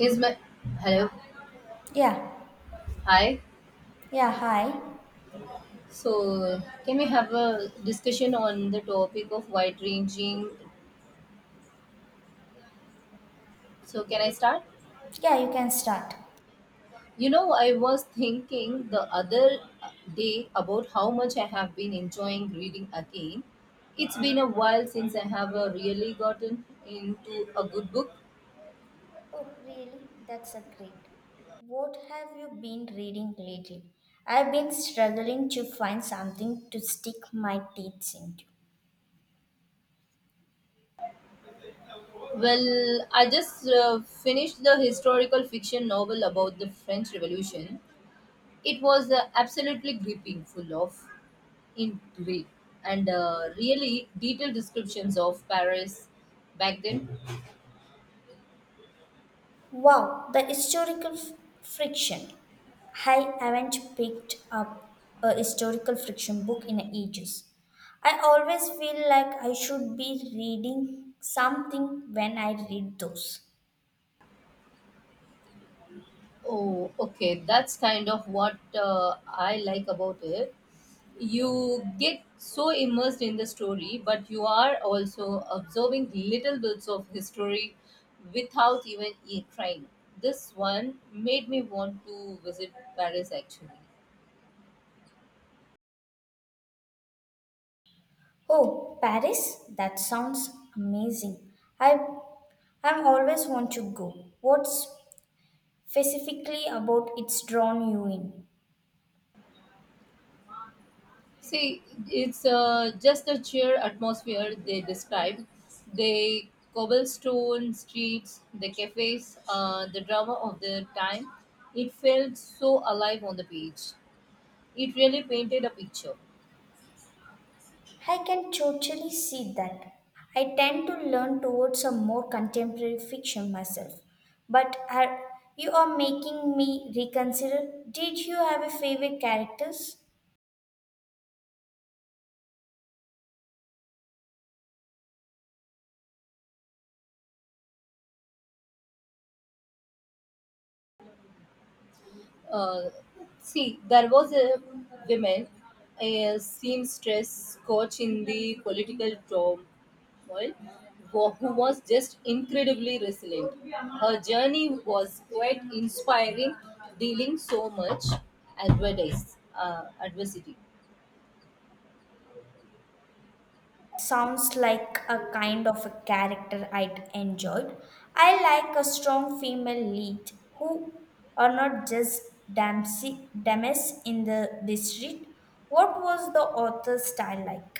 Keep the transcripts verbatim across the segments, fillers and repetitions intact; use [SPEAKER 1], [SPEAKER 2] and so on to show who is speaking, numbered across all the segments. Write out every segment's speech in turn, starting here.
[SPEAKER 1] Is my hello?
[SPEAKER 2] Yeah,
[SPEAKER 1] Hi.
[SPEAKER 2] yeah, hi.
[SPEAKER 1] So, can we have a discussion on the topic of wide ranging? So, can I start?
[SPEAKER 2] Yeah, you can start.
[SPEAKER 1] You know, I was thinking the other day about how much I have been enjoying reading again. It's been a while since I have uh, really gotten into a good book.
[SPEAKER 2] Oh, really? That's a great. What have you been reading lately? I've been struggling to find something to stick my teeth into.
[SPEAKER 1] Well, I just uh, finished the historical fiction novel about the French Revolution. It was uh, absolutely gripping, full of in today and uh, really detailed descriptions of Paris back then.
[SPEAKER 2] Wow, the historical f- friction. I haven't picked up a historical friction book in ages. I always feel like I should be reading something when I read those.
[SPEAKER 1] Oh, okay, that's kind of what uh, I like about it. You get so immersed in the story, but you are also observing little bits of history without even e- trying. This one made me want to visit Paris actually.
[SPEAKER 2] Oh, Paris? That sounds amazing. I I've always want to go. What's specifically about it's drawn you in?
[SPEAKER 1] See, it's uh, just the cheer atmosphere they describe. The cobblestone streets, the cafes, uh, the drama of their time. It felt so alive on the page. It really painted a picture.
[SPEAKER 2] I can totally see that. I tend to learn towards a more contemporary fiction myself. But are, you are making me reconsider. Did you have a favorite characters?
[SPEAKER 1] Uh, See, there was a woman, a seamstress coach in the political turmoil, who who was just incredibly resilient. Her journey was quite inspiring, dealing so much advertise, uh, adversity.
[SPEAKER 2] Sounds like a kind of a character I'd enjoyed. I like a strong female lead who are not just damsy, dames in the, the street. What was the author's style like?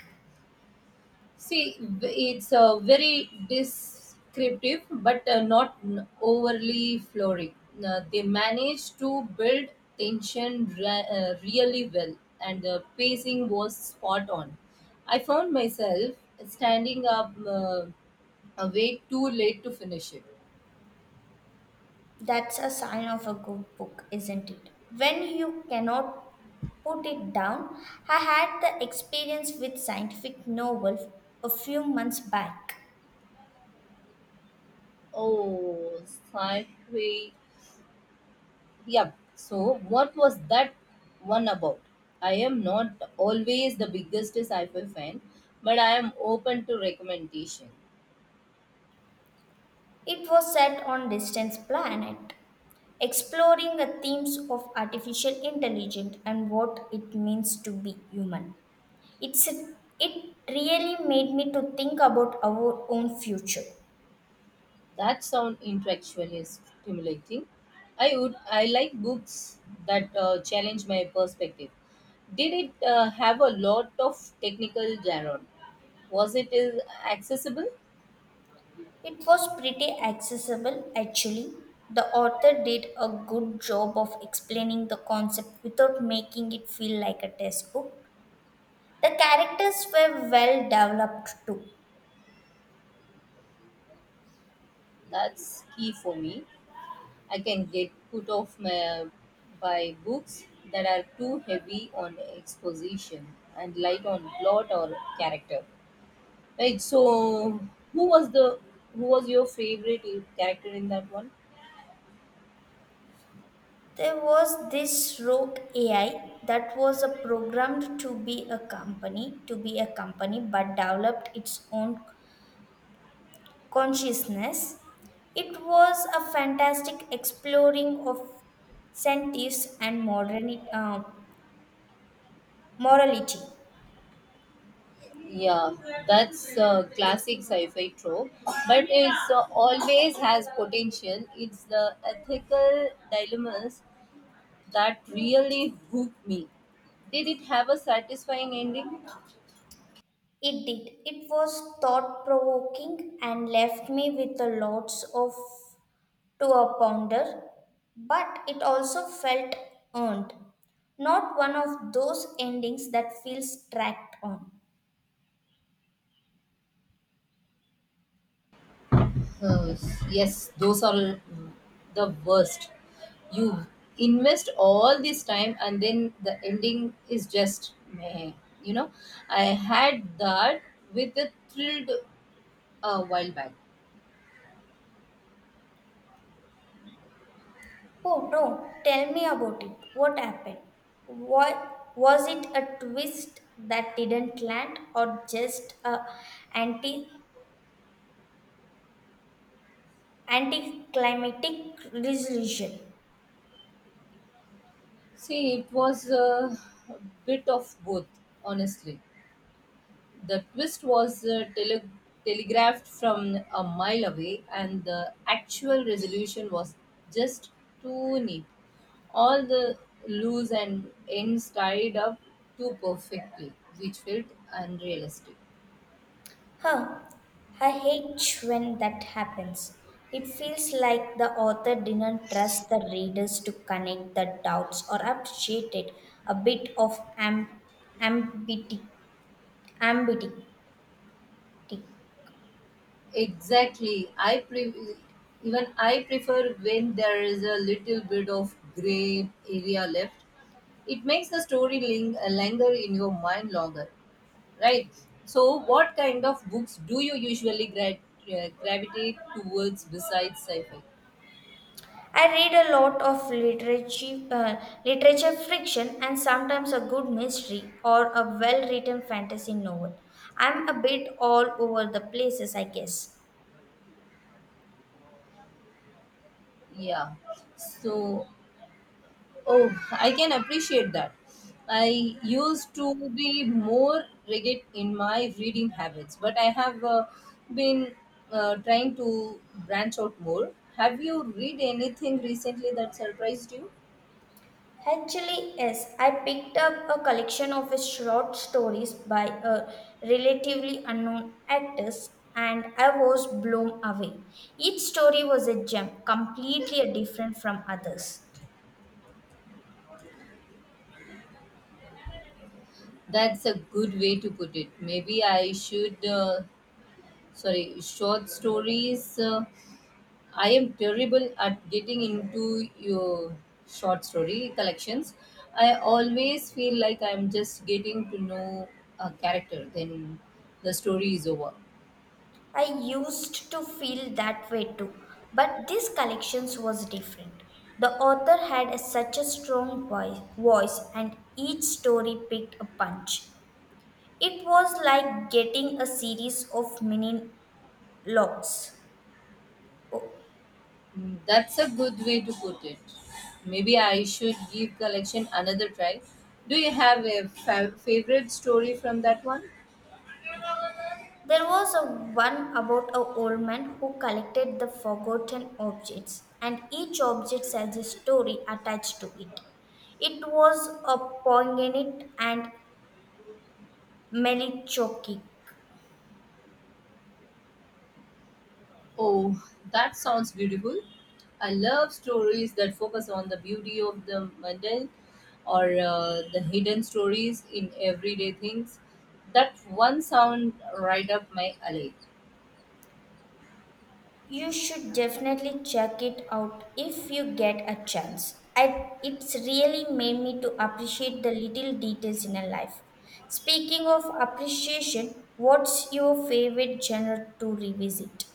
[SPEAKER 1] See, it's uh, very descriptive, but uh, not n- overly florid. Uh, they managed to build tension re- uh, really well, and the pacing was spot on. I found myself standing up uh, way too late to finish it.
[SPEAKER 2] That's a sign of a good book, isn't it? When you cannot put it down, I had the experience with scientific novel a few months back.
[SPEAKER 1] Oh, sci-fi. Yep. So, what was that one about? I am not always the biggest sci-fi fan, but I am open to recommendation.
[SPEAKER 2] It was set on distant planet, exploring the themes of artificial intelligence and what it means to be human. It's it really made me to think about our own future.
[SPEAKER 1] That sound intellectual is stimulating. I would. I like books that uh, challenge my perspective. Did it uh, have a lot of technical jargon? Was it is accessible?
[SPEAKER 2] It was pretty accessible actually. The author did a good job of explaining the concept without making it feel like a textbook. The characters were well developed too.
[SPEAKER 1] That's key for me. I can get put off my, by books that are too heavy on exposition and light on plot or character. Right. So, who was the who was your favorite character in that one?
[SPEAKER 2] There was this rogue A I that was a programmed to be a company, to be a company, but developed its own consciousness. It was a fantastic exploring of sentience and modern, uh, morality.
[SPEAKER 1] Yeah, that's a classic sci-fi trope, but it's uh, always has potential. It's the ethical dilemmas that really hook me. Did it have a satisfying ending?
[SPEAKER 2] It did. It was thought provoking and left me with a lots of to a pounder, but it also felt earned, not one of those endings that feels tracked on.
[SPEAKER 1] Uh, yes, those are mm, the worst. You invest all this time and then the ending is just meh. You know, I had that with a thrilled a while back.
[SPEAKER 2] Oh no, tell me about it. What happened? What was it a twist that didn't land or just a anti anticlimactic resolution?
[SPEAKER 1] See, it was uh, a bit of both, honestly. The twist was uh, tele- telegraphed from a mile away, and the actual resolution was just too neat. All the loose and ends tied up too perfectly, which felt unrealistic.
[SPEAKER 2] Huh, I hate when that happens. It feels like the author didn't trust the readers to connect the dots or appreciate it. A bit of am- ambiti- ambiguity.
[SPEAKER 1] Exactly. I pre- even I prefer when there is a little bit of gray area left. It makes the story ling- linger in your mind longer. Right. So, what kind of books do you usually gra- uh, gravitate towards besides sci-fi?
[SPEAKER 2] I read a lot of literature, uh, literature fiction and sometimes a good mystery or a well written fantasy novel. I'm a bit all over the places, I guess.
[SPEAKER 1] Yeah. So, oh, I can appreciate that. I used to be more rigid in my reading habits, but I have uh, been uh, trying to branch out more. Have you read anything recently that surprised you?
[SPEAKER 2] Actually, yes, I picked up a collection of his short stories by a relatively unknown actress and I was blown away. Each story was a gem, completely different from others.
[SPEAKER 1] That's a good way to put it. Maybe I should. Uh, sorry, short stories. Uh, I am terrible at getting into your short story collections. I always feel like I'm just getting to know a character, then the story is over.
[SPEAKER 2] I used to feel that way too, but this collection was different. The author had a- such a strong voice, voice and each story picked a punch. It was like getting a series of mini logs.
[SPEAKER 1] Mm, that's a good way to put it. Maybe I should give collection another try. Do you have a fa- favorite story from that one?
[SPEAKER 2] There was a one about a old man who collected the forgotten objects, and each object has a story attached to it. It was a poignant and melancholic.
[SPEAKER 1] Oh, that sounds beautiful. I love stories that focus on the beauty of the mundane or uh, the hidden stories in everyday things. That one sound right up my alley.
[SPEAKER 2] You should definitely check it out if you get a chance. I, it's really made me to appreciate the little details in a life. Speaking of appreciation, what's your favorite genre to revisit?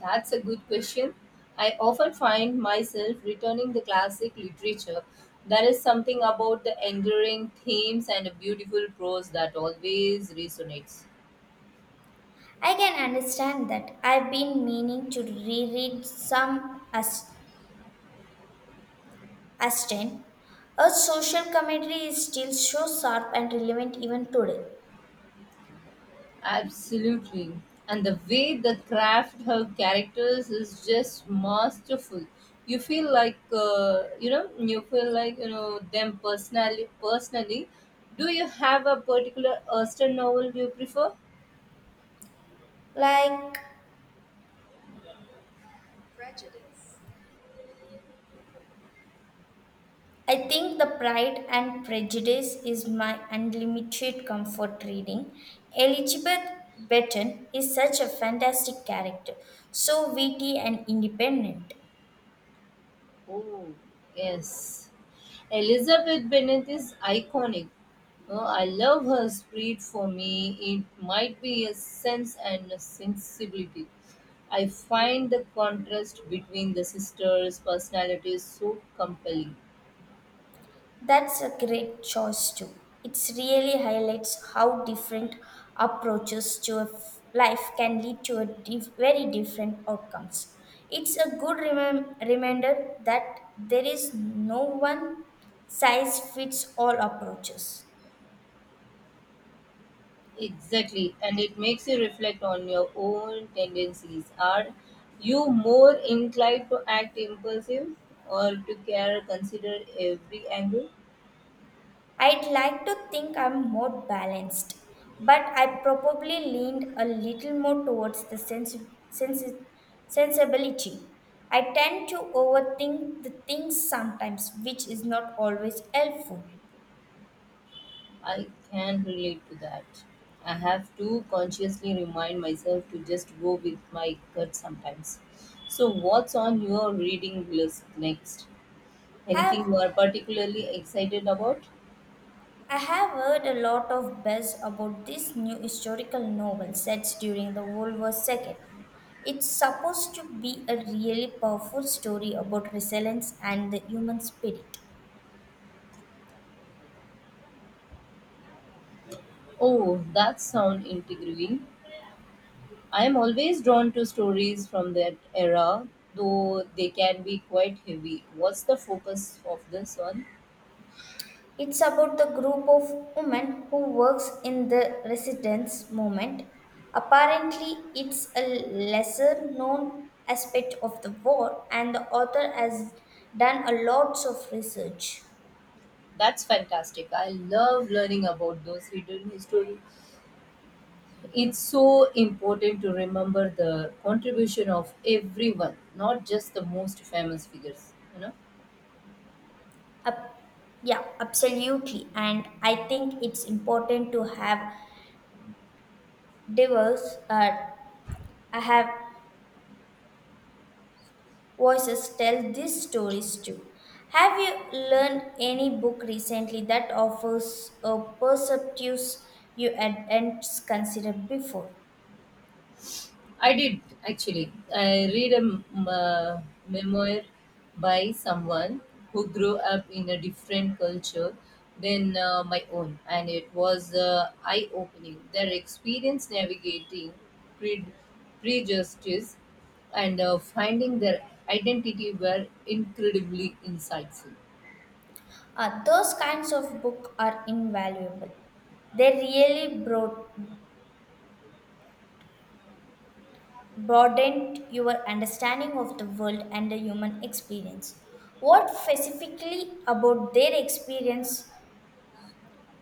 [SPEAKER 1] That's a good question. I often find myself returning the classic literature. There is something about the enduring themes and a beautiful prose that always resonates.
[SPEAKER 2] I can understand that. I've been meaning to reread some As- Aston. Her social commentary is still so sharp and relevant even today.
[SPEAKER 1] Absolutely. And the way they craft her characters is just masterful. You feel like uh, you know, you feel like you know them personally. Personally, do you have a particular Austen novel you prefer?
[SPEAKER 2] Like, I think The Pride and Prejudice is my unlimited comfort reading. Elizabeth Benton is such a fantastic character, so witty and independent.
[SPEAKER 1] Oh, yes. Elizabeth Bennet is iconic. Uh, I love her spirit for me. It might be a sense and a sensibility. I find the contrast between the sisters' personalities so compelling.
[SPEAKER 2] That's a great choice too. It really highlights how different approaches to a f- life can lead to a dif- very different outcomes. It's a good remem- reminder that there is no one size fits all approaches.
[SPEAKER 1] Exactly, and it makes you reflect on your own tendencies. Are you more inclined to act impulsive or to care, consider every angle?
[SPEAKER 2] I'd like to think I'm more balanced, but I probably leaned a little more towards the sens- sensi- sensibility. I tend to overthink the things sometimes, which is not always helpful.
[SPEAKER 1] I can relate to that. I have to consciously remind myself to just go with my gut sometimes. So, what's on your reading list next?
[SPEAKER 2] Have
[SPEAKER 1] Anything you are particularly excited about?
[SPEAKER 2] I have heard a lot of buzz about this new historical novel sets during the World War two. It's supposed to be a really powerful story about resilience and the human spirit.
[SPEAKER 1] Oh, that sounds intriguing. I am always drawn to stories from that era, though they can be quite heavy. What's the focus of this one?
[SPEAKER 2] It's about the group of women who works in the resistance movement. Apparently, it's a lesser known aspect of the war, and the author has done a lots of research.
[SPEAKER 1] That's fantastic. I love learning about those hidden historical. It's so important to remember the contribution of everyone, not just the most famous figures. You know,
[SPEAKER 2] Ab- yeah, absolutely, and I think it's important to have diverse. Uh, I have voices tell these stories too. Have you learned any book recently that offers a perspective you hadn't considered before?
[SPEAKER 1] I did actually. I read a m- uh, memoir by someone who grew up in a different culture than uh, my own, and it was uh, eye-opening. Their experience navigating pre- prejudice and uh, finding their identity were incredibly insightful.
[SPEAKER 2] Uh, those kinds of books are invaluable. They really broad- broadened your understanding of the world and the human experience. What specifically about their experience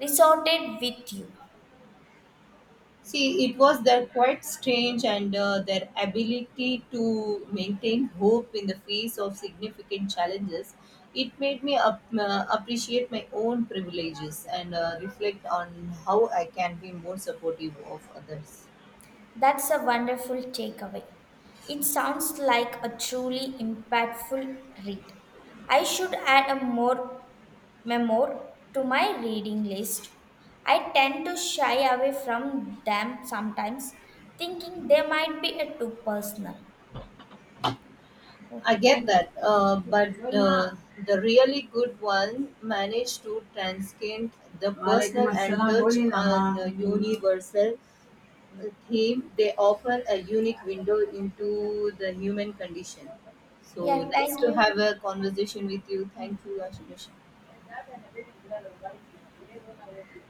[SPEAKER 2] resorted with you?
[SPEAKER 1] See, it was their quite strange and uh, their ability to maintain hope in the face of significant challenges. It made me up, uh, appreciate my own privileges and uh, reflect on how I can be more supportive of others.
[SPEAKER 2] That's a wonderful takeaway. It sounds like a truly impactful read. I should add a more memoir to my reading list. I tend to shy away from them sometimes, thinking they might be a too personal. Oh,
[SPEAKER 1] I get
[SPEAKER 2] thank
[SPEAKER 1] that, uh,
[SPEAKER 2] you.
[SPEAKER 1] but uh, the really good one managed to transcend the personal and touch on the universal theme, they offer a unique window into the human condition. So
[SPEAKER 2] Yeah,
[SPEAKER 1] nice
[SPEAKER 2] thank
[SPEAKER 1] to
[SPEAKER 2] you.
[SPEAKER 1] have a conversation with you. Thank you, Ashish.